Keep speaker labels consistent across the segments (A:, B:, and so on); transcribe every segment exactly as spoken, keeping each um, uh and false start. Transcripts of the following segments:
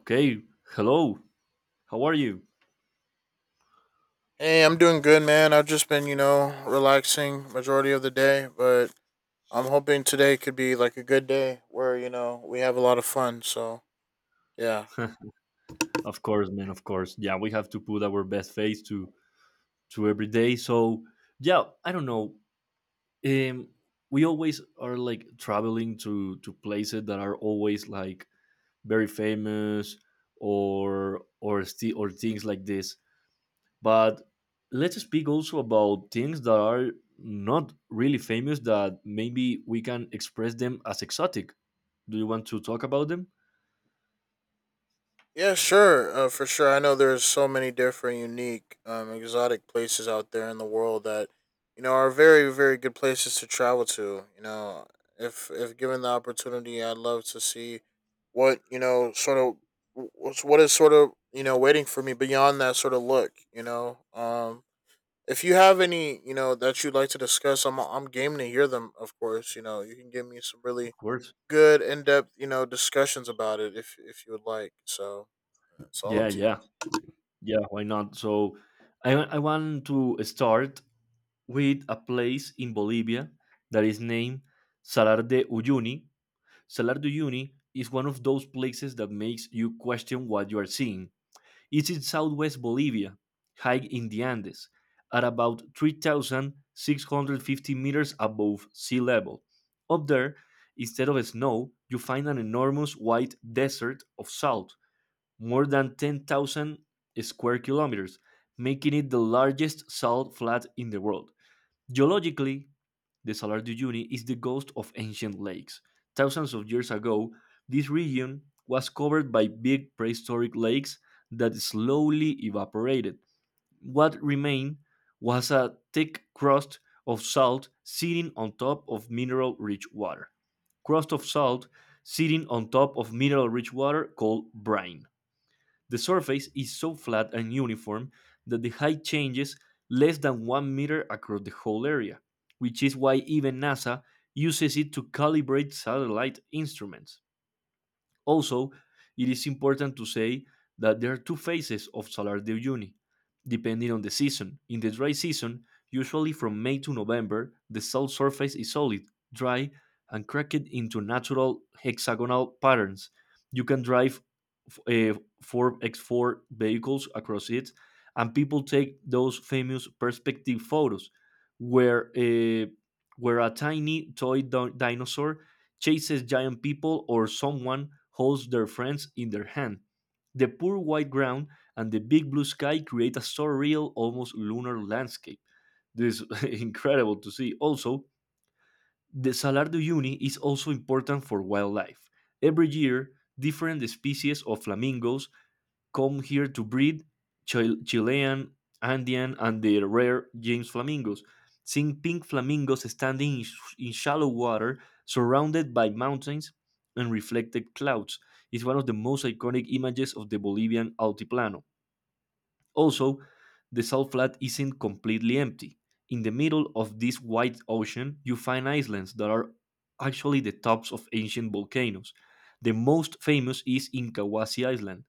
A: Okay, hello. How are you?
B: Hey, I'm doing good, man. I've just been, you know, relaxing majority of the day, but I'm hoping today could be like a good day where, you know, we have a lot of fun. So, yeah.
A: Of course, man. Of course. Yeah, we have to put our best face to to every day. So yeah, I don't know. Um, we always are like traveling to to places that are always like very famous or or sti- or things like this. But let's speak also about things that are not really famous that maybe we can express them as exotic. Do you want to talk about them?
B: Yeah, sure. Uh, for sure. I know there's so many different unique, um, exotic places out there in the world that, you know, are very, very good places to travel to. You know, if if given the opportunity, I'd love to see what, you know, sort of what's what is sort of, you know, waiting for me beyond that sort of look, you know. Um If you have any, you know, that you'd like to discuss, I'm I'm game to hear them. Of course, you know, you can give me some
A: Of
B: really
A: course.
B: good in depth, you know, discussions about it if if you would like. So it's all
A: Yeah,
B: up to you.
A: yeah. Yeah, why not? So I, wa- I want to start with a place in Bolivia that is named Salar de Uyuni. Salar de Uyuni is one of those places that makes you question what you are seeing. It's in southwest Bolivia, high in the Andes, at about three thousand six hundred fifty meters above sea level. Up there, instead of snow, you find an enormous white desert of salt more than ten thousand square kilometers, making it the largest salt flat in the world. Geologically, the Salar de Uyuni is the ghost of ancient lakes. Thousands of years ago, this region was covered by big prehistoric lakes that slowly evaporated. What remained was a thick crust of salt sitting on top of mineral rich water. Crust of salt sitting on top of mineral rich water called brine. The surface is so flat and uniform that the height changes less than one meter across the whole area, which is why even NASA uses it to calibrate satellite instruments. Also, it is important to say that there are two phases of solar diurnity, depending on the season. In the dry season, usually from May to November, the sun's surface is solid, dry, and cracked into natural hexagonal patterns. You can drive uh, four x four vehicles across it, and people take those famous perspective photos, where uh, where a tiny toy di- dinosaur chases giant people or someone holds their friends in their hand. The poor white ground and the big blue sky create a surreal, almost lunar landscape. This is incredible to see. Also, the Salar do Uyuni is also important for wildlife. Every year, different species of flamingos come here to breed Chil- Chilean, Andean, and the rare James flamingos. Seeing pink flamingos standing in, sh- in shallow water, surrounded by mountains and reflected clouds, is one of the most iconic images of the Bolivian Altiplano. Also, the salt flat isn't completely empty. In the middle of this wide ocean, you find islands that are actually the tops of ancient volcanoes. The most famous is Inkawasi Island,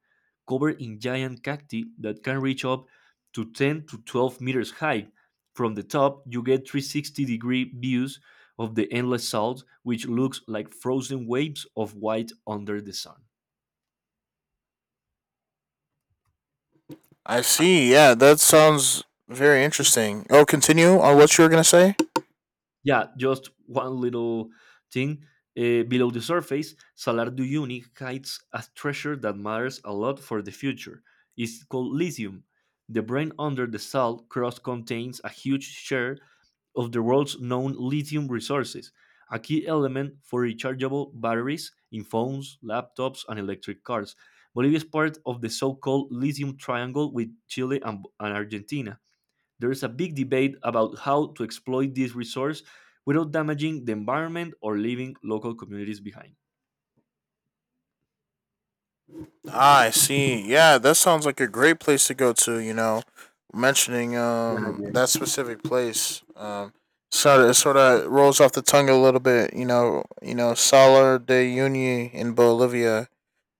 A: covered in giant cacti that can reach up to ten to twelve meters high. From the top, you get three hundred sixty degree views of the endless salt, which looks like frozen waves of white under the sun.
B: I see. Yeah, that sounds very interesting. Oh, continue on what you were gonna say.
A: Yeah, just one little thing. Uh, below the surface, Salar du Uni hides a treasure that matters a lot for the future. It's called lithium. The brain under the salt crust contains a huge share of the world's known lithium resources, a key element for rechargeable batteries in phones, laptops, and electric cars. Bolivia is part of the so called lithium triangle with Chile and and Argentina. There is a big debate about how to exploit this resource without damaging the environment or leaving local communities behind.
B: Ah, I see. Yeah, that sounds like a great place to go to. You know, mentioning
A: Yeah,
B: um
A: yeah,
B: that specific place, um, sort of sort of rolls off the tongue a little bit. You know, you know, Salar de Uyuni in Bolivia,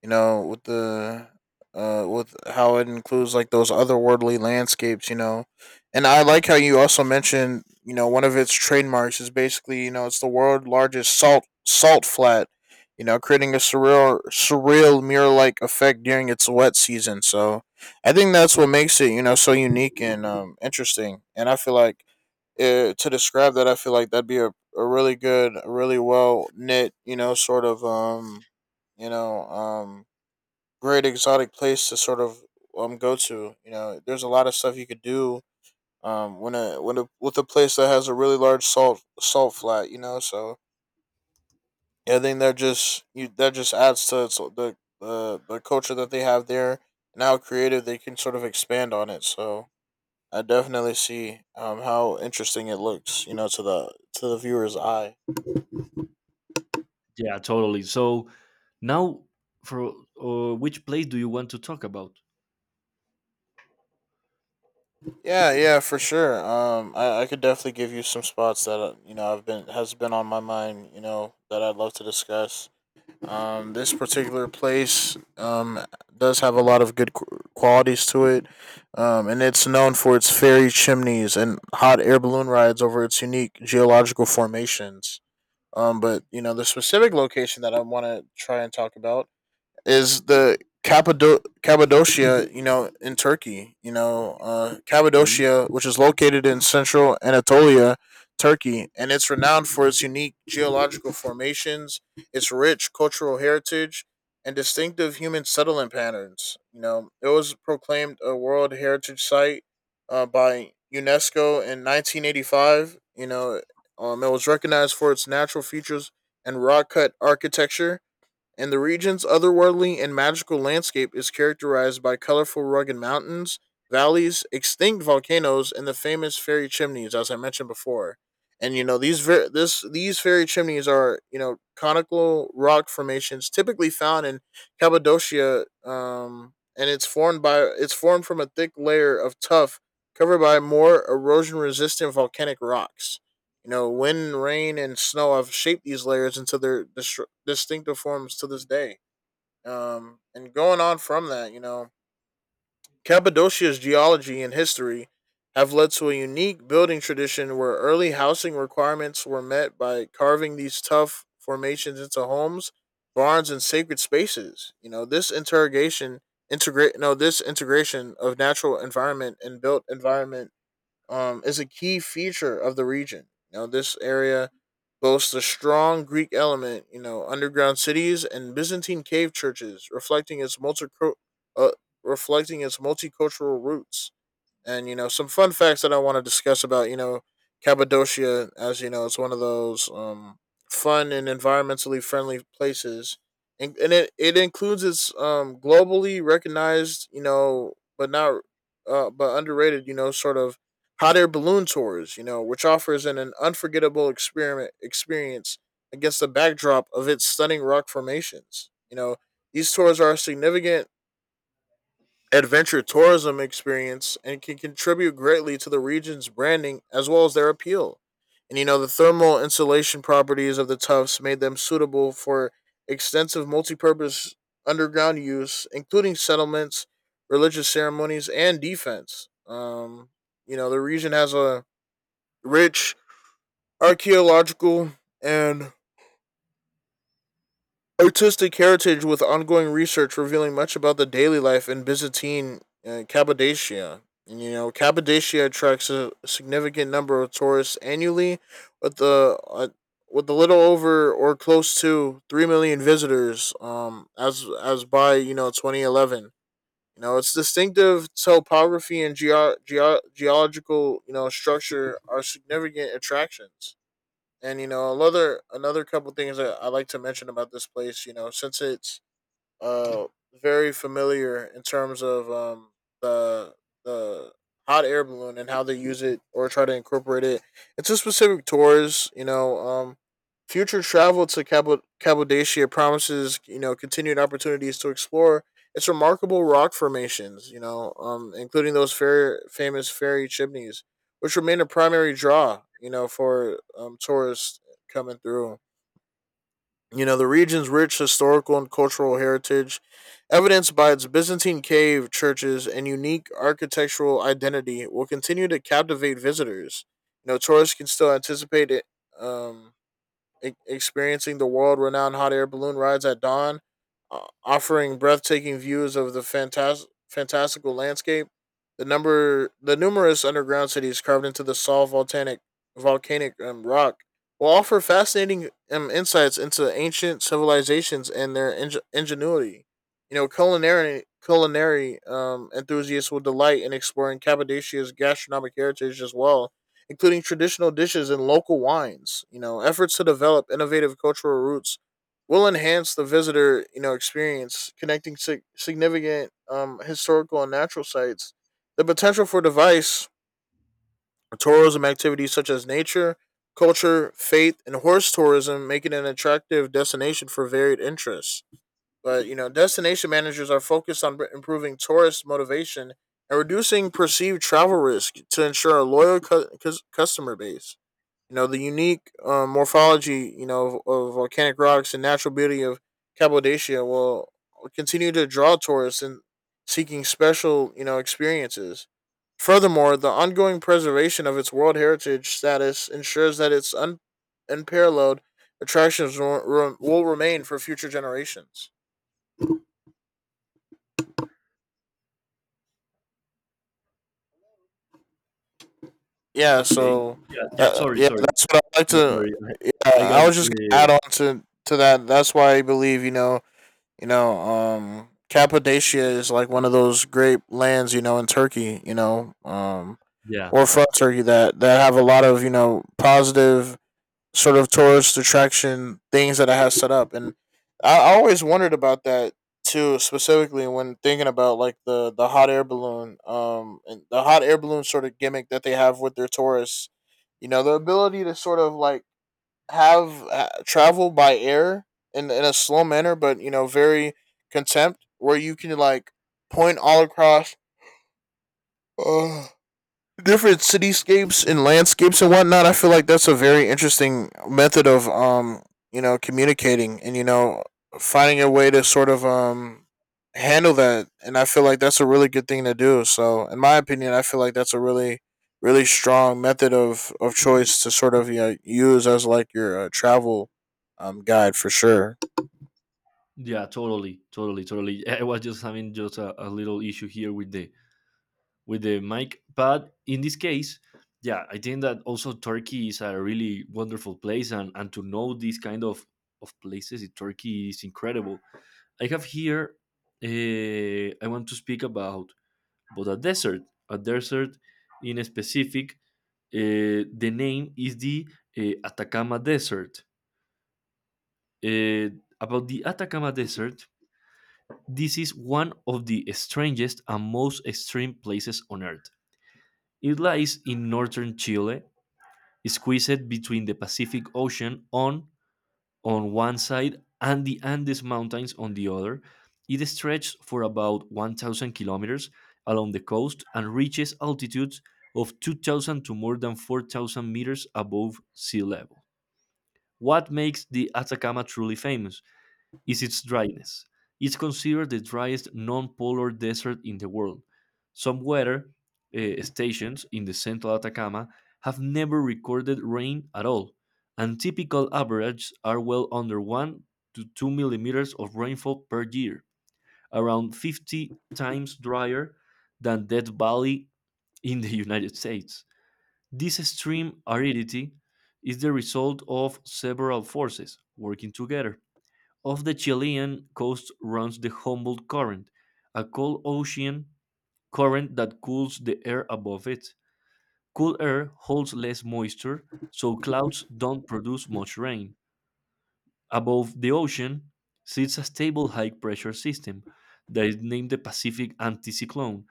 B: you know, with the uh with how it includes like those otherworldly landscapes, you know. And I like how you also mentioned, you know, one of its trademarks is basically, you know, it's the world's largest salt salt flat, you know, creating a surreal surreal mirror like effect during its wet season. So I think that's what makes it, you know, so unique and um interesting. And I feel like uh, to describe that, I feel like that'd be a, a really good, a really well knit, you know, sort of um, you know, um great exotic place to sort of um go to. You know, there's a lot of stuff you could do um when a when a with a place that has a really large salt salt flat. You know, so yeah, I think that just you that just adds to its, the the the culture that they have there and how creative they can sort of expand on it. So I definitely see um how interesting it looks. You know, to the to the viewer's eye.
A: yeah, totally. So now, for uh, which place do you want to talk about?
B: Yeah, yeah, for sure. Um, I, I could definitely give you some spots that uh, you know I've been has been on my mind. You know that I'd love to discuss. Um, this particular place um does have a lot of good qu- qualities to it. Um, and it's known for its fairy chimneys and hot air balloon rides over its unique geological formations. Um, but you know the specific location that I want to try and talk about is the Cappadoc- Cappadocia, you know, in Turkey. You know, uh,
A: Okay,
B: Cappadocia, which is located in central Anatolia, Turkey, and it's renowned for its unique geological formations, its rich cultural heritage, and distinctive human settlement patterns. You know, it was proclaimed a World Heritage Site uh, by UNESCO in nineteen eighty-five. You know, um, it was recognized for its natural features and rock cut architecture, and the region's otherworldly and magical landscape is characterized by colorful rugged mountains, valleys, extinct volcanoes, and the famous fairy chimneys, as I mentioned before. And you know these ver- this these fairy chimneys are you know conical rock formations typically found in Cappadocia, um, and it's formed by it's formed from a thick layer of tuff covered by more erosion resistant volcanic rocks. You know, wind, rain, and snow have shaped these layers into their distr distinctive forms to this day. Um, and going on from that, you know, Cappadocia's geology and history have led to a unique building tradition where early housing requirements were met by carving these tough formations into homes, barns, and sacred spaces. You know, this interrogation integrate no, this integration of natural environment and built environment um, is a key feature of the region. You know, this area boasts a strong Greek element, you know, underground cities and Byzantine cave churches, reflecting its multi- uh, reflecting its multicultural roots. And, you know, some fun facts that I want to discuss about, you know, Cappadocia, as you know, it's one of those um, fun and environmentally friendly places. And, and it, it includes its um, globally recognized, you know, but not, uh, but underrated, you know, sort of hot air balloon tours, you know, which offers an, an unforgettable experiment experience against the backdrop of its stunning rock formations. You know, these tours are a significant adventure tourism experience and can contribute greatly to the region's branding as well as their appeal. And you know, the thermal insulation properties of the tufts made them suitable for extensive multipurpose underground use, including settlements, religious ceremonies, and defense. Um, you know, the region has a rich archaeological and artistic heritage with ongoing research revealing much about the daily life in Byzantine uh, Cappadocia. And, You know, Cappadocia attracts a significant number of tourists annually, with the uh, with a little over or close to three million visitors. Um, as as by you know twenty eleven. You know, its distinctive topography and geo- geo- geological you know structure are significant attractions. And you know, another another couple things that I like to mention about this place, you know, since it's uh very familiar in terms of um the the hot air balloon and how they use it or try to incorporate it into specific tours. You know, um, future travel to Cabo Cappadocia promises you know continued opportunities to explore its remarkable rock formations. You know, um, including those fair, famous fairy chimneys, which remain a primary draw. You know, for um, tourists coming through. You know, the region's rich historical and cultural heritage, evidenced by its Byzantine cave churches and unique architectural identity, will continue to captivate visitors. You know, tourists can still anticipate it, um, e- experiencing the world-renowned hot air balloon rides at dawn, uh, offering breathtaking views of the fantas- fantastical landscape. The number, the numerous underground cities carved into the solid volcanic volcanic um, rock will offer fascinating um, insights into ancient civilizations and their ing- ingenuity. You know, culinary culinary um, enthusiasts will delight in exploring Cappadocia's gastronomic heritage as well, including traditional dishes and local wines. You know, efforts to develop innovative cultural roots will enhance the visitor, you know, experience, connecting sig- significant um, historical and natural sites. The potential for device tourism activities such as nature, culture, faith, and horse tourism make it an attractive destination for varied interests. But, you know, destination managers are focused on b- improving tourist motivation and reducing perceived travel risk to ensure a loyal cu- cus- customer base. You know, the unique uh, morphology, you know, of, of volcanic rocks and natural beauty of Cappadocia will continue to draw tourists in seeking special, you know, experiences. Furthermore, the ongoing preservation of its World Heritage status ensures that its un- unparalleled attractions will, re- will remain for future generations. Yeah,
A: okay.
B: so
A: Yeah, yeah.
B: uh,
A: Sorry,
B: yeah,
A: sorry.
B: that's what I like
A: Yeah,
B: to.
A: sorry.
B: Yeah,
A: I, I got.
B: I was just gonna
A: Uh,
B: add on to to that. That's why I believe you know You know, um, Cappadocia is like one of those great lands, you know, in Turkey, you know, um,
A: yeah,
B: or from Turkey that, that have a lot of, you know, positive sort of tourist attraction things that it has set up. And I, I always wondered about that too, specifically when thinking about like the, the hot air balloon, um, and the hot air balloon sort of gimmick that they have with their tourists. You know, the ability to sort of like have uh, travel by air in in a slow manner, but you know, very contempt, where you can like point all across. Uh, Different cityscapes and landscapes and whatnot. I feel like that's a very interesting method of um you know communicating and you know finding a way to sort of um handle that. And I feel like that's a really good thing to do. So in my opinion, I feel like that's a really really strong method of of choice to sort of you know use as like your uh, travel um guide for sure.
A: yeah. Totally, totally, totally. I was just having just a, a little issue here with the with the mic. But in this case, yeah, I think that also Turkey is a really wonderful place, and, and to know these kind of, of places in Turkey is incredible. I have here, uh, I want to speak about about a desert, a desert in a specific. Uh, the name is the uh, Atacama Desert. Uh, about the Atacama Desert, this is one of the strangest and most extreme places on Earth. It lies in northern Chile, squeezed between the Pacific Ocean on, on one side and the Andes Mountains on the other. It stretches for about one thousand kilometers along the coast and reaches altitudes of two thousand to more than four thousand meters above sea level. What makes the Atacama truly famous is its dryness. It's considered the driest non polar desert in the world. Some weather eh, stations in the central Atacama have never recorded rain at all, and typical averages are well under one to two millimeters of rainfall per year, around fifty times drier than Death Valley in the United States. This extreme aridity is the result of several forces working together off the Chilean coast runs the Humboldt Current, a cold ocean current that cools the air above it. Cool air holds less moisture, so clouds don't produce much rain. Above the ocean sits a stable high pressure system that is named the Pacific Anticyclone,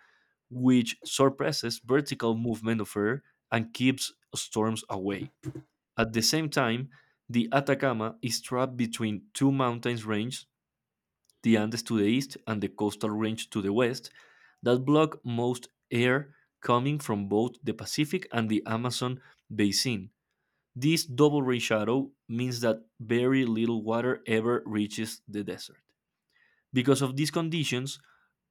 A: which suppresses vertical movement of air and keeps storms away. At the same time, the Atacama is trapped between two mountain ranges the Andes to the east and the coastal range to the west, that block most air coming from both the Pacific and the Amazon basin. This double rain shadow means that very little water ever reaches the desert. Because of these conditions,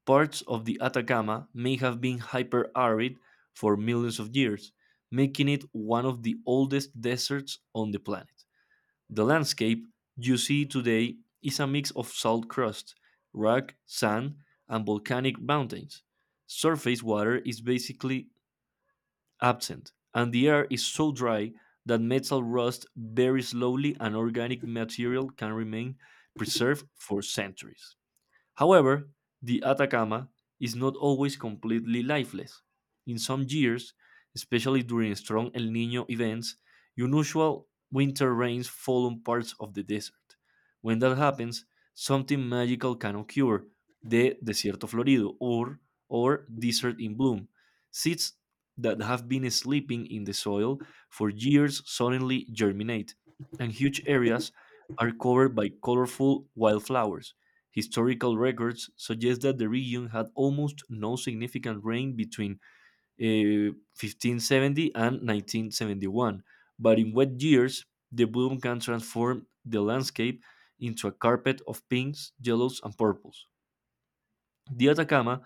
A: parts of the Atacama may have been hyper arid for millions of years, making it one of the oldest deserts on the planet. The landscape you see today is a mix of salt crust, rock, sand, and volcanic mountains. Surface water is basically absent, and the air is so dry that metal rusts very slowly and organic material can remain preserved for centuries. However, the Atacama is not always completely lifeless. In some years, especially during strong El Nino events, unusual winter rains fall on parts of the desert. When that happens, something magical can occur. The Desierto Florido or, or Desert in Bloom. Seeds that have been sleeping in the soil for years suddenly germinate, and huge areas are covered by colorful wildflowers. Historical records suggest that the region had almost no significant rain between uh, fifteen seventy and nineteen seventy-one, but in wet years, the bloom can transform the landscape into a carpet of pinks, yellows, and purples. The Atacama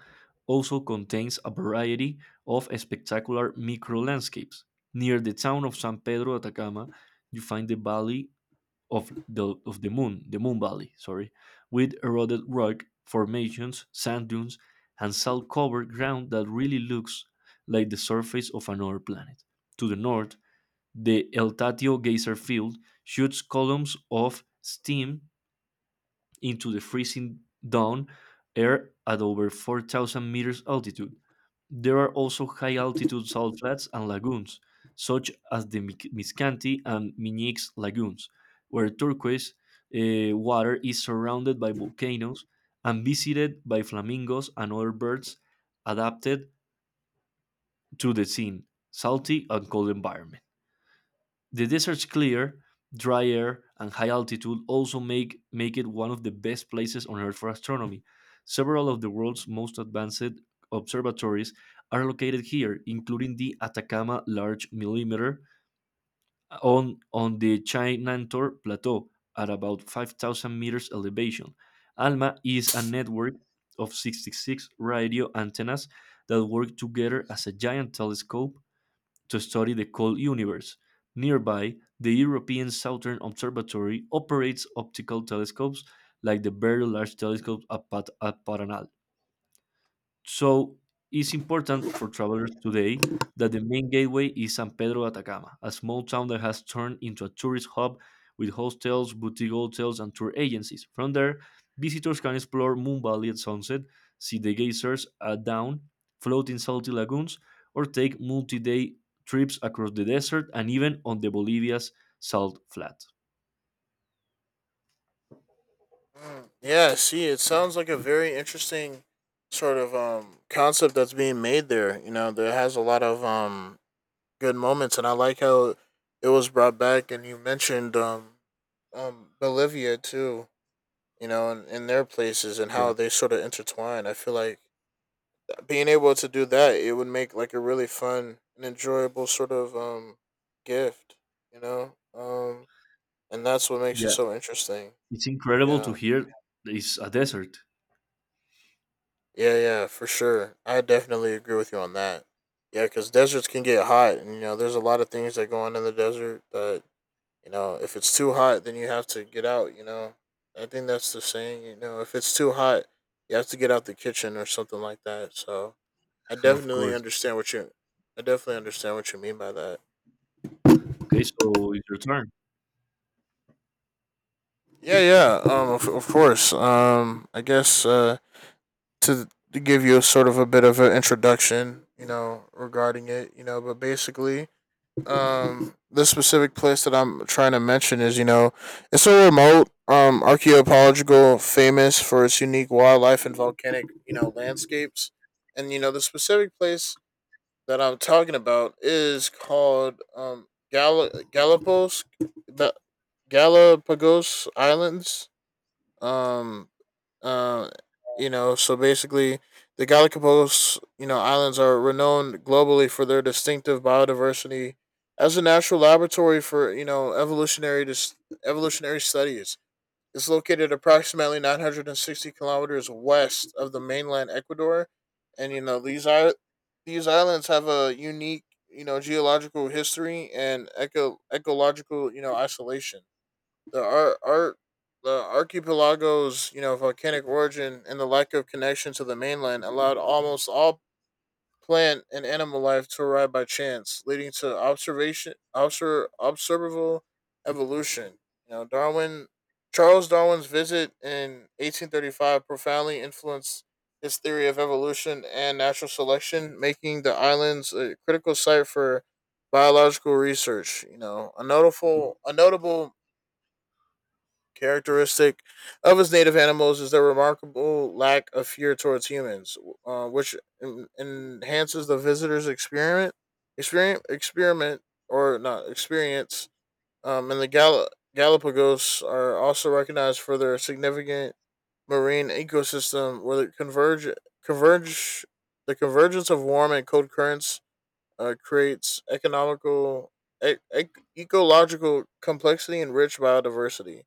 A: also contains a variety of spectacular micro landscapes. Near the town of San Pedro de Atacama, you find the valley of the of the moon, the moon valley, sorry, with eroded rock formations, sand dunes, and salt covered ground that really looks like the surface of another planet. To the north, the El Tatio geyser field shoots columns of steam into the freezing down air at over four thousand meters altitude. There are also high altitude salt flats and lagoons, such as the Mic- Miscanti and Minix lagoons, where turquoise eh, water is surrounded by volcanoes and visited by flamingos and other birds adapted to the scene, salty and cold environment. The desert's clear, dry air, and high altitude also make, make it one of the best places on Earth for astronomy. Several of the world's most advanced observatories are located here, including the Atacama Large Millimeter on, on the Chinantor Plateau at about five thousand meters elevation. ALMA is a network of sixty-six radio antennas that work together as a giant telescope to study the cold universe. Nearby, the European Southern Observatory operates optical telescopes like the very large telescope at, Pat- at Paranal. So it's important for travelers today that the main gateway is San Pedro de Atacama, a small town that has turned into a tourist hub with hostels, boutique hotels, and tour agencies. From there, visitors can explore Moon Valley at sunset, see the geysers at dawn, float in salty lagoons, or take multi day trips across the desert and even on the Bolivia's salt flat.
B: Mm, yeah, see, it sounds like a very interesting sort of um concept that's being made there. You know, there has a lot of um good moments, and I like how it was brought back. And you mentioned um, um, Bolivia too, you know, and, and their places and
A: Yeah,
B: how they sort of intertwine. I feel like being able to do that, it would make like a really fun and enjoyable sort of um, gift, you know, um, and that's what makes it
A: yeah,
B: so interesting.
A: it's incredible to
B: Yeah,
A: hear. It's a desert,
B: yeah, yeah, for sure. I definitely agree with you on that. Yeah, because deserts can get hot, and you know, there's a lot of things that go on in the desert that You know, if it's too hot, then you have to get out. You know, I think that's the saying. You know, if it's too hot, you have to get out the kitchen or something like that. So I
A: of
B: definitely
A: course.
B: understand what you. I definitely understand what you mean by that.
A: Okay, so it's your turn.
B: Yeah, yeah. Um, of, of course. Um, I guess uh, to to give you a sort of a bit of an introduction, you know, regarding it, you know, but basically, um, the specific place that I'm trying to mention is, you know, it's so remote, um, archaeological, famous for its unique wildlife and volcanic, you know, landscapes. And, you know, the specific place that I'm talking about is called um, Gal- Galapagos, the Galapagos Islands. Um, uh, you know, so basically, the Galapagos, you know, islands are renowned globally for their distinctive biodiversity as a natural laboratory for you know evolutionary dis- evolutionary studies. It's located approximately nine hundred sixty kilometers west of the mainland Ecuador, and you know these are these islands have a unique you know geological history and eco ecological you know isolation. The ar- ar- the archipelago's you know volcanic origin and the lack of connection to the mainland allowed almost all plant and animal life to arrive by chance, leading to observation obser- observable evolution. You know, Darwin Charles Darwin's visit in eighteen thirty-five profoundly influenced his theory of evolution and natural selection, making the islands a critical site for biological research. You know, a notable a notable characteristic of its native animals is their remarkable lack of fear towards humans, uh, which en- enhances the visitor's experiment, experiment, experiment, or not experience. Um, and the Gal- Galapagos are also recognized for their significant marine ecosystem, where the converge converge the convergence of warm and cold currents uh, creates economical e- e- ecological complexity and rich biodiversity,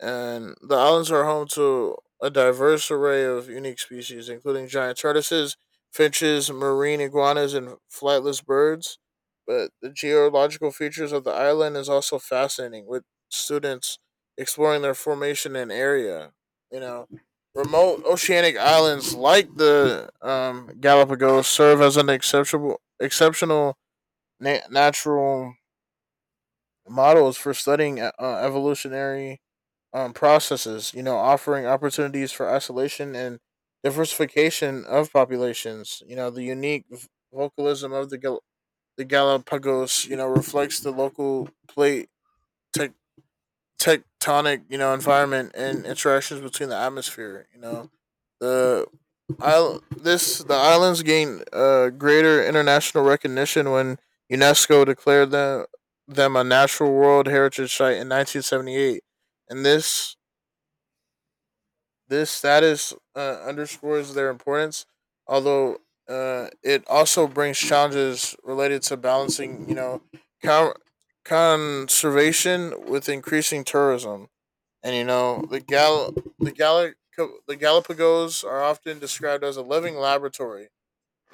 B: and the islands are home to a diverse array of unique species, including giant tortoises, finches, marine iguanas, and flightless birds. But the geological features of the island is also fascinating, with students exploring their formation and area. You know, remote oceanic islands like the um, Galapagos serve as an exceptional, exceptional na- natural models for studying uh, evolutionary um, processes, you know, offering opportunities for isolation and diversification of populations. You know, the unique v- vocalism of the, Gal- the Galapagos, you know, reflects the local plate tec- tectonic, you know, environment and interactions between the atmosphere. You know, the isl- this the islands gained uh, greater international recognition when UNESCO declared them them a natural world heritage site in nineteen seventy-eight. And this This status uh, underscores their importance, although uh, it also brings challenges related to balancing, you know, con- conservation with increasing tourism. And you know, the gal the Gallic the Galapagos are often described as a living laboratory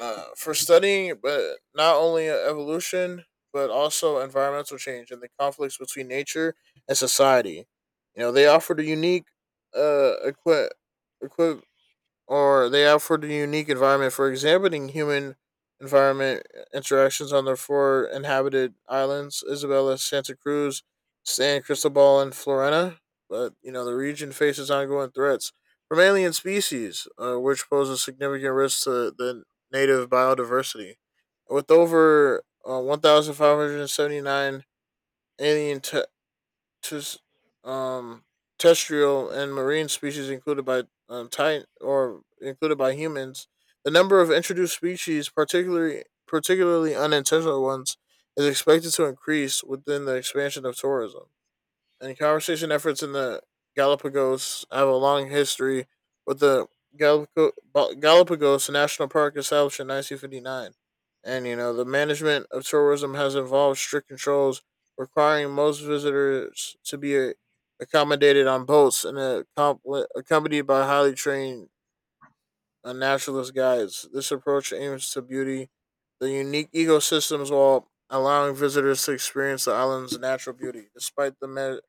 B: uh, for studying but not only uh, evolution, but also environmental change and the conflicts between nature and society. You know, they offered a unique uh equi- equi- or they offered a unique environment for examining human environment uh, interactions on their four inhabited islands: Isabella, Santa Cruz, San Cristobal, and Florena. But, you know, the region faces ongoing threats from alien species, uh, which poses significant risks to the native biodiversity. With over uh, one thousand five hundred seventy-nine alien te- tes- um, terrestrial and marine species included by um, titan or included by humans. The number of introduced species, particularly particularly unintentional ones, is expected to increase within the expansion of tourism, and conservation efforts in the Galapagos have a long history, with the Galapagos National Park established in nineteen fifty-nine. And, you know, the management of tourism has involved strict controls requiring most visitors to be accommodated on boats and accom- accompanied by highly trained uh, naturalist guides. This approach aims to beauty the unique ecosystems while allowing visitors to experience the island's natural beauty. Despite the me-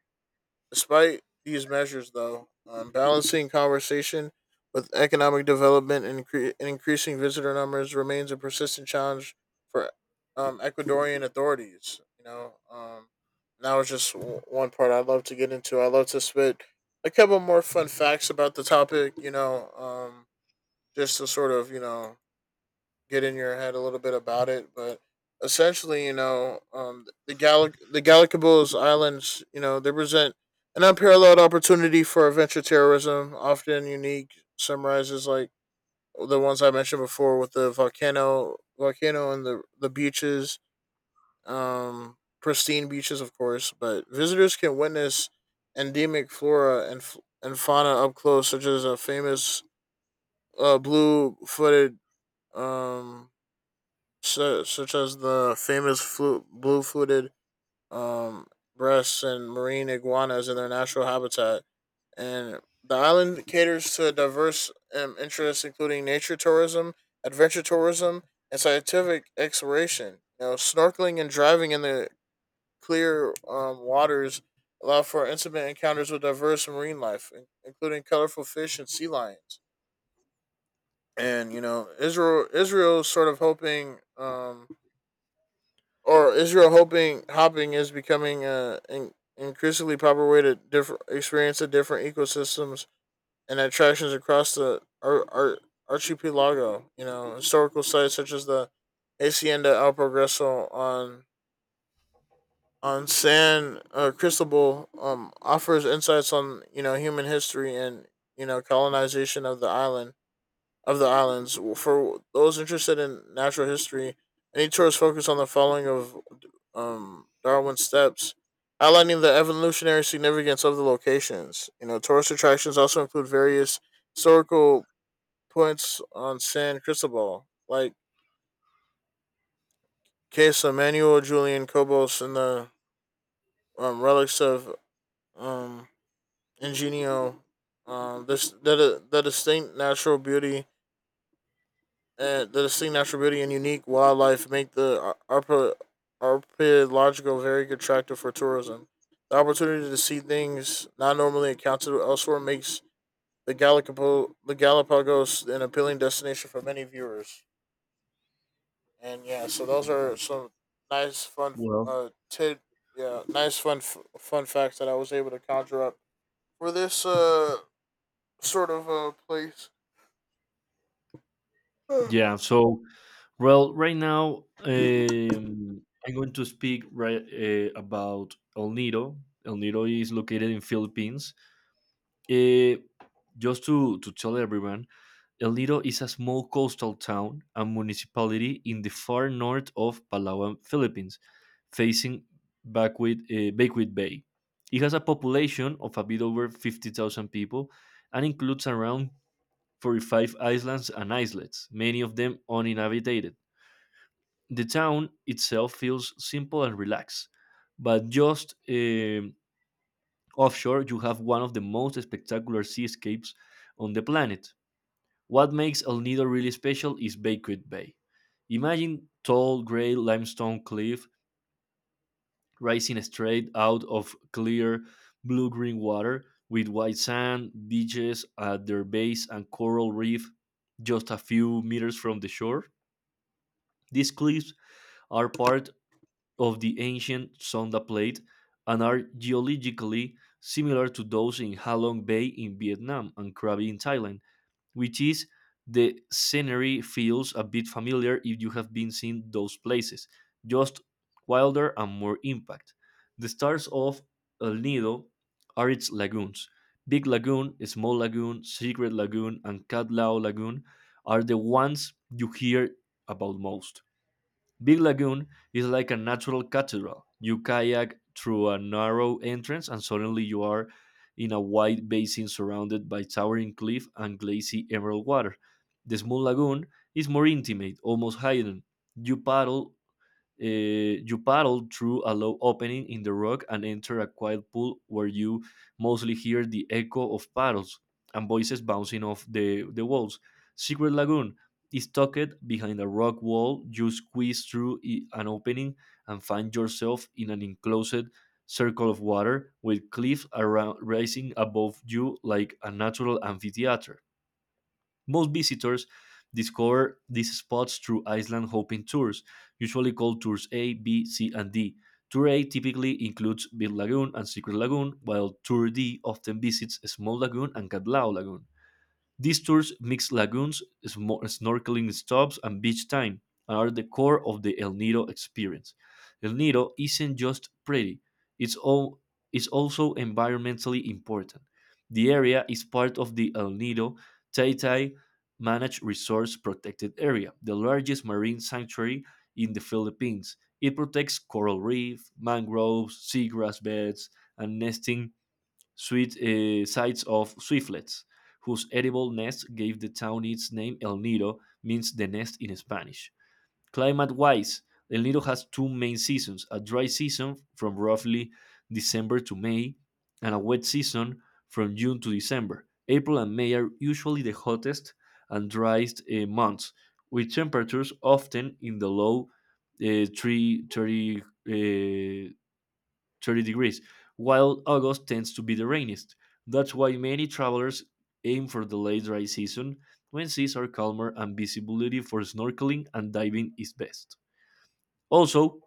B: Despite these measures, though, um, balancing conversation with economic development, and, incre- and increasing visitor numbers, remains a persistent challenge for um, Ecuadorian authorities. You know, um, and that just w- one part I'd love to get into. I'd love to spit a couple more fun facts about the topic. You know, um, just to sort of you know get in your head a little bit about it, but essentially, you know, um, the Gallic the Galapagos Islands, you know, they present an unparalleled opportunity for adventure terrorism, often unique. Summarizes like the ones I mentioned before with the volcano, volcano and the the beaches, um, pristine beaches, of course. But visitors can witness endemic flora and f- and fauna up close, such as a famous uh, blue-footed um, su- such as the famous flu- blue footed um, breasts and marine iguanas in their natural habitat. And the island caters to diverse um, interests, including nature tourism, adventure tourism, and scientific exploration. You know, snorkeling and driving in the clear um, waters allow for intimate encounters with diverse marine life, in- including colorful fish and sea lions. And you know, Israel Israel is sort of hoping um, or Israel hoping hopping is becoming an in, increasingly popular way to differ, experience the different ecosystems and attractions across the ar, ar, archipelago. You know, historical sites such as the Hacienda El Progreso on on San uh, Cristobal um, offers insights on you know human history and you know colonization of the island of the islands. For those interested in natural history, any tours focus on the following of um Darwin's steps, outlining the evolutionary significance of the locations. You know, tourist attractions also include various historical points on San Cristobal, like Case Emmanuel Julian Cobos and the um, relics of um, Ingenio. Um, this the, the distinct natural beauty. Uh, the distinct natural beauty and unique wildlife make the ar- arpa- archaeological very attractive for tourism. The opportunity to see things not normally accounted elsewhere makes the, Galapago the Galapagos an appealing destination for many viewers. And yeah, so those are some nice fun
A: Well,
B: uh tid yeah nice fun f- fun facts that I was able to conjure up for this uh sort of uh place.
A: yeah. So, well, right now, um, I'm going to speak right uh, about El Nido. El Nido is located in Philippines. Eh, just to, to tell everyone, El Nido is a small coastal town and municipality in the far north of Palawan, Philippines, facing Backwit, uh, Backwit Bay. It has a population of a bit over fifty thousand people and includes around forty-five islands and islets, many of them uninhabited. The town itself feels simple and relaxed, but just eh, offshore, you have one of the most spectacular seascapes on the planet. What makes El Nido really special is Bakewit Bay. Imagine tall gray limestone cliff rising straight out of clear blue green water with white sand, beaches at their base, and coral reef just a few meters from the shore. These cliffs are part of the ancient Sonda Plate and are geologically similar to those in Halong Bay in Vietnam and Krabi in Thailand, which is the scenery feels a bit familiar if you have been seen those places, just wilder and more impact. The stars of El Nido are its lagoons. Big Lagoon, Small Lagoon, Secret Lagoon, and Cat Lao Lagoon are the ones you hear about most. Big Lagoon is like a natural cathedral. You kayak through a narrow entrance, and suddenly you are in a wide basin surrounded by towering cliff and glassy emerald water. The small lagoon is more intimate, almost hidden. You paddle uh, you paddle through a low opening in the rock and enter a quiet pool where you mostly hear the echo of paddles and voices bouncing off the, the walls. Secret Lagoon is tucked behind a rock wall. You squeeze through i- an opening and find yourself in an enclosed circle of water with cliffs around rising above you like a natural amphitheater. Most visitors discover these spots through island hopping tours, usually called tours A, B, C, and D. Tour A typically includes Big Lagoon and Secret Lagoon, while Tour D often visits Small Lagoon and Catlao Lagoon. These tours mix lagoons, smo- snorkeling stops, and beach time, and are the core of the El Nido experience. El Nido isn't just pretty, it's, all, it's also environmentally important. The area is part of the El Nido Taytay Managed Resource Protected Area, the largest marine sanctuary in the Philippines. It protects coral reef, mangroves, seagrass beds, and nesting sweet uh, sights of swiftlets, whose edible nest gave the town its name. El Nido means the nest in Spanish. Climate wise, El Nido has two main seasons a dry season from roughly December to May, and a wet season from June to December. April and May are usually the hottest and driest uh, months, with temperatures often in the low uh, three, thirty uh, thirty degrees, while August tends to be the rainiest. That's why many travelers aim for the late dry season when seas are calmer and visibility for snorkeling and diving is best. Also,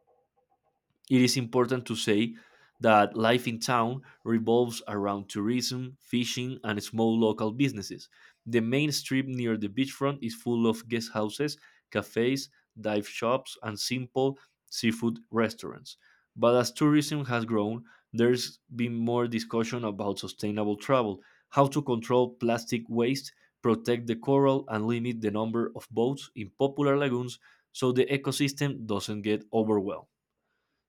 A: it is important to say that life in town revolves around tourism, fishing, and small local businesses. The main strip near the beachfront is full of guest houses, cafes, dive shops, and simple seafood restaurants. But as tourism has grown, there's been more discussion about sustainable travel, how to control plastic waste, protect the coral, and limit the number of boats in popular lagoons so the ecosystem doesn't get overwhelmed.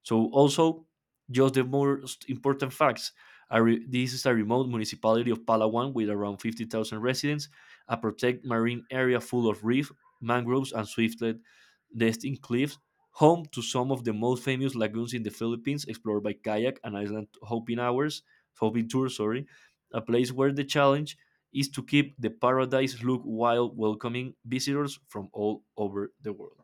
A: So also, just the most important facts. A re- this is a remote municipality of Palawan with around fifty thousand residents, a protected marine area full of reef, mangroves, and swiftlet nesting cliffs, home to some of the most famous lagoons in the Philippines, explored by kayak and island hopping hours, hopping tours, sorry, a place where the challenge is to keep the paradise look while welcoming visitors from all over the world.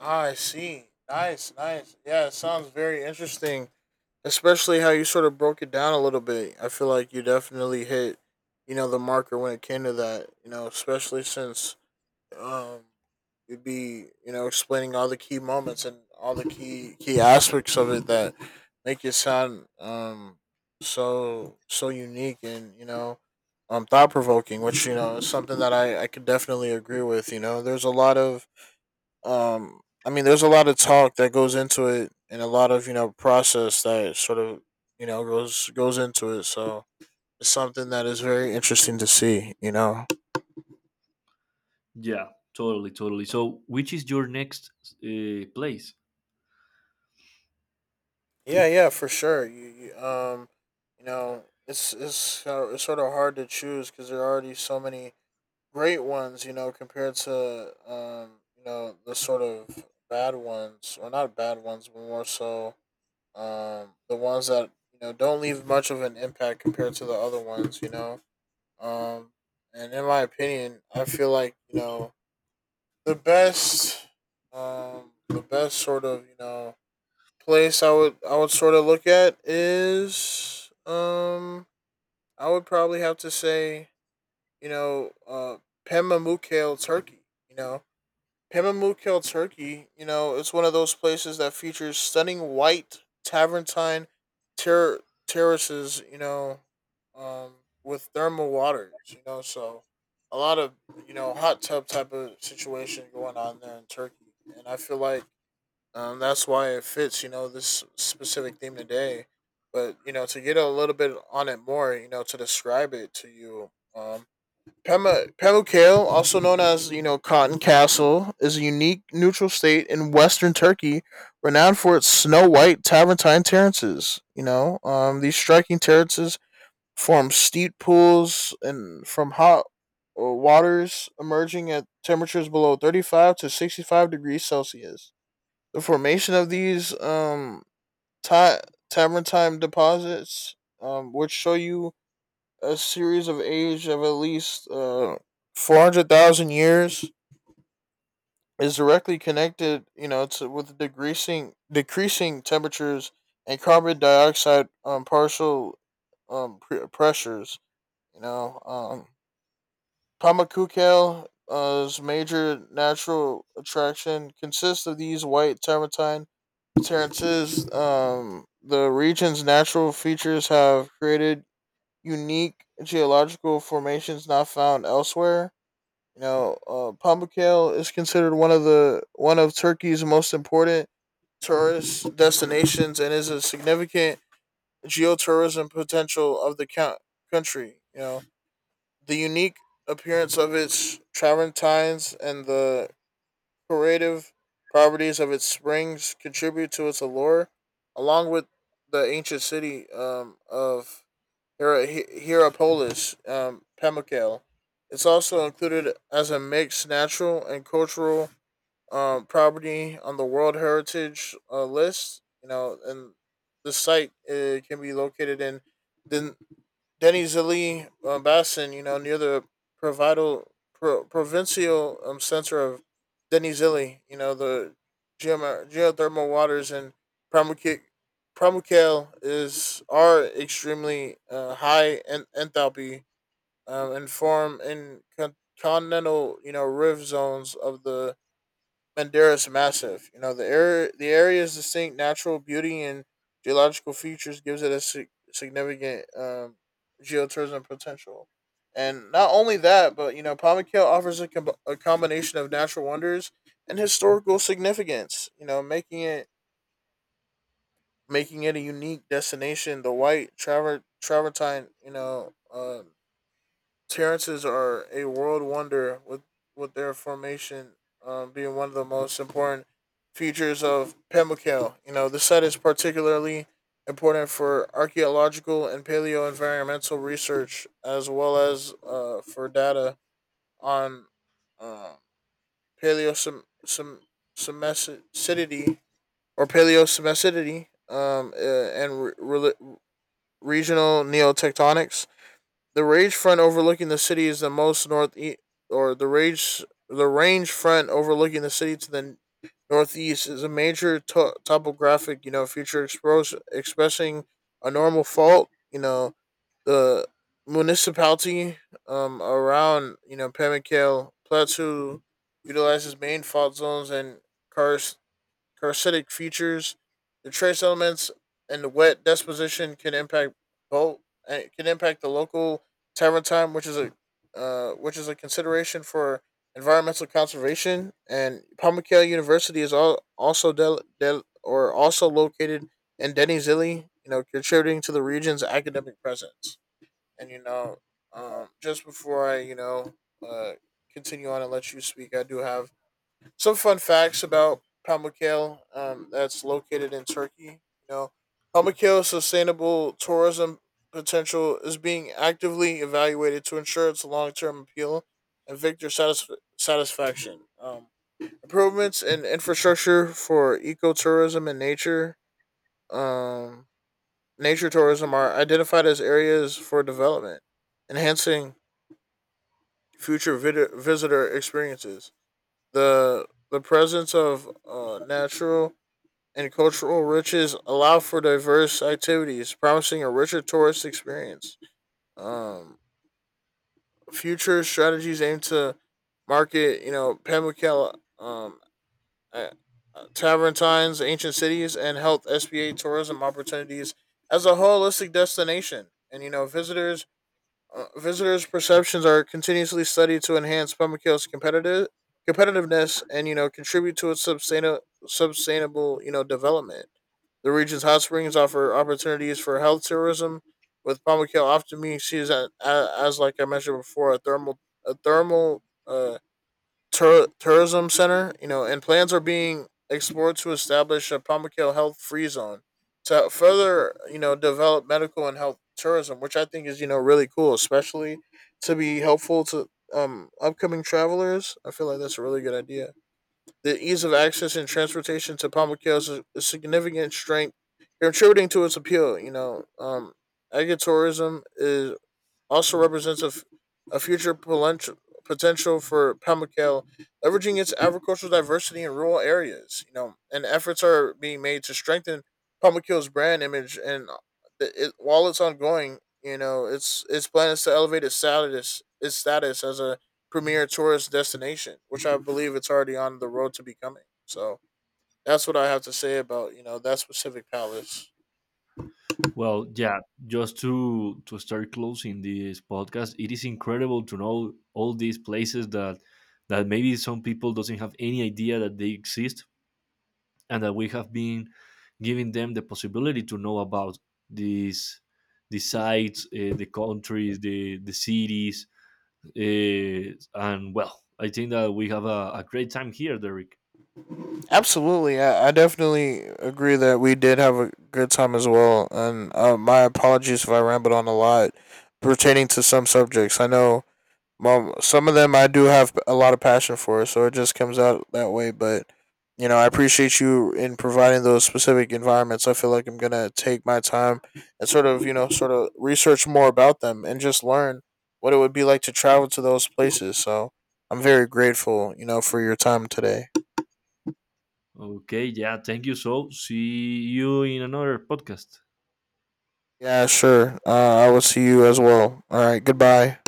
B: I see. Nice, nice. Yeah, it sounds very interesting, especially how you sort of broke it down a little bit. I feel like you definitely hit, you know, the marker when it came to that. You know, especially since um, you'd be, you know, explaining all the key moments and all the key key aspects of it that make it sound um so so unique and you know um thought provoking, which you know is something that I I could definitely agree with. You know, there's a lot of um i mean there's a lot of talk that goes into it and a lot of you know process that sort of you know goes goes into it, so it's something that is very interesting to see you know.
A: Yeah, totally, totally. So, which is your next uh, place?
B: Yeah, yeah, for sure. you, you um you know, it's it's uh, it's sort of hard to choose because there are already so many great ones you know compared to um you know the sort of bad ones or not bad ones but more so. Um, the ones that you know don't leave much of an impact compared to the other ones, you know. Um, and in my opinion, I feel like you know the best, um, the best sort of you know place I would I would sort of look at is um I would probably have to say you know uh Pema Mukale Turkey, you know, Hamamukel, Turkey, you know, it's one of those places that features stunning white Tavernine ter- terraces, you know, um, with thermal waters, you know, so a lot of, you know, hot tub type of situation going on there in Turkey. And I feel like um, that's why it fits, you know, this specific theme today. But, you know, to get a little bit on it more, you know, to describe it to you, um, Pema, Pamukkale, also known as you know Cotton Castle, is a unique neutral state in western Turkey, renowned for its snow-white Travertine terraces. You know, um, these striking terraces form steep pools and from hot uh, waters emerging at temperatures below thirty-five to sixty-five degrees Celsius. The formation of these um, ta- Travertine deposits, um, which show you a series of age of at least uh, four hundred thousand years is directly connected, you know, to with decreasing decreasing temperatures and carbon dioxide um, partial um, pre- pressures. You know, um, Pamakukel's major natural attraction consists of these white termitine terrances. Um, the region's natural features have created unique geological formations not found elsewhere. You know, uh, Pamuk Ale is considered one of the one of Turkey's most important tourist destinations and is a significant geotourism potential of the count- country. You know, the unique appearance of its travertines and the curative properties of its springs contribute to its allure, along with the ancient city um, of Hierapolis, Hero um, Pemmican. It's also included as a mixed natural and cultural um, property on the World Heritage uh, list. You know, and the site uh, can be located in Den- Denizli uh, Basin. You know, near the Provido, Pro- provincial um, center of Denizli. You know, the geom- geothermal waters in Pamukik. Pramukel is are extremely uh, high in enthalpy um, and form in con- continental, you know, rift zones of the Madeira is massive. You know, the area the area's distinct natural beauty and geological features gives it a sig- significant um, geotourism potential. And not only that, but you know, Palmaquito offers a, com- a combination of natural wonders and historical significance. You know, making it making it a unique destination. The White Traver- Travertine, you know, uh, Terrances are a world wonder, with with their formation um, being one of the most important features of Pimlico. You know, the site is particularly important for archaeological and paleo environmental research, as well as uh, for data on uh, paleo some some semesticity or paleo semesticity um, uh, and re- re- regional neotectonics. The range front overlooking the city is the most north e- or the range the range front overlooking the city to the northeast is a major to- topographic you know feature expose- expressing a normal fault. You know the municipality um around you know Pamukale Plateau utilizes main fault zones and karst Parasitic features, the trace elements, and the wet deposition can impact both. and Can impact the local terratime, which is a uh, which is a consideration for environmental conservation. And Pamukale University is all, also del, del, or also located in Denizli, you know, contributing to the region's academic presence. And you know, um, just before I you know uh, continue on and let you speak, I do have some fun facts about Pamukkale um, that's located in Turkey. You know, Pamukkale's sustainable tourism potential is being actively evaluated to ensure its long-term appeal and victor satisf- satisfaction. Um, improvements in infrastructure for ecotourism and nature um, nature tourism are identified as areas for development, enhancing future vid- visitor experiences. The the presence of uh, natural and cultural riches allow for diverse activities, promising a richer tourist experience. Um, future strategies aim to market, you know, Pamukela, um, uh, uh, Taverntines, ancient cities, and health S B A tourism opportunities as a holistic destination. And you know, visitors uh, visitors' perceptions are continuously studied to enhance Pamukkele's competitive competitiveness and you know contribute to its sustainable sustainable you know development. The region's hot springs offer opportunities for health tourism, with Palma Keel often being seen as, as like I mentioned before, a thermal a thermal uh, tur- tourism center. You know, and plans are being explored to establish a Palma Keel health free zone to further you know develop medical and health tourism, which I think is you know really cool, especially to be helpful to um upcoming travelers. I feel like that's a really good idea. The ease of access and transportation to Pamukio is a, a significant strength contributing to its appeal. You know, um, agritourism is also represents a, f- a future potential potential for Pamukale, leveraging its agricultural diversity in rural areas. You know, and efforts are being made to strengthen Pamukale's brand image. And it, it, while it's ongoing, you know, its its plan is to elevate its status its status as a premier tourist destination, which I believe it's already on the road to becoming. So that's what I have to say about you know that specific palace.
A: Well, yeah, just to to start closing this podcast, it is incredible to know all these places that that maybe some people doesn't have any idea that they exist and that we have been giving them the possibility to know about these the sites, uh, the countries, the the cities, uh, and well, I think that we have a, a great time here, Derek.
B: Absolutely, I, I definitely agree that we did have a good time as well, and uh, my apologies if I rambled on a lot pertaining to some subjects. I know mom, some of them I do have a lot of passion for, so it just comes out that way. But you know, I appreciate you in providing those specific environments. I feel like I'm gonna take my time and sort of you know sort of research more about them and just learn what it would be like to travel to those places. So I'm very grateful, you know, for your time today.
A: Okay, yeah, thank you. So, see you in another podcast.
B: Yeah, sure. Uh, I will see you as well. All right. Goodbye.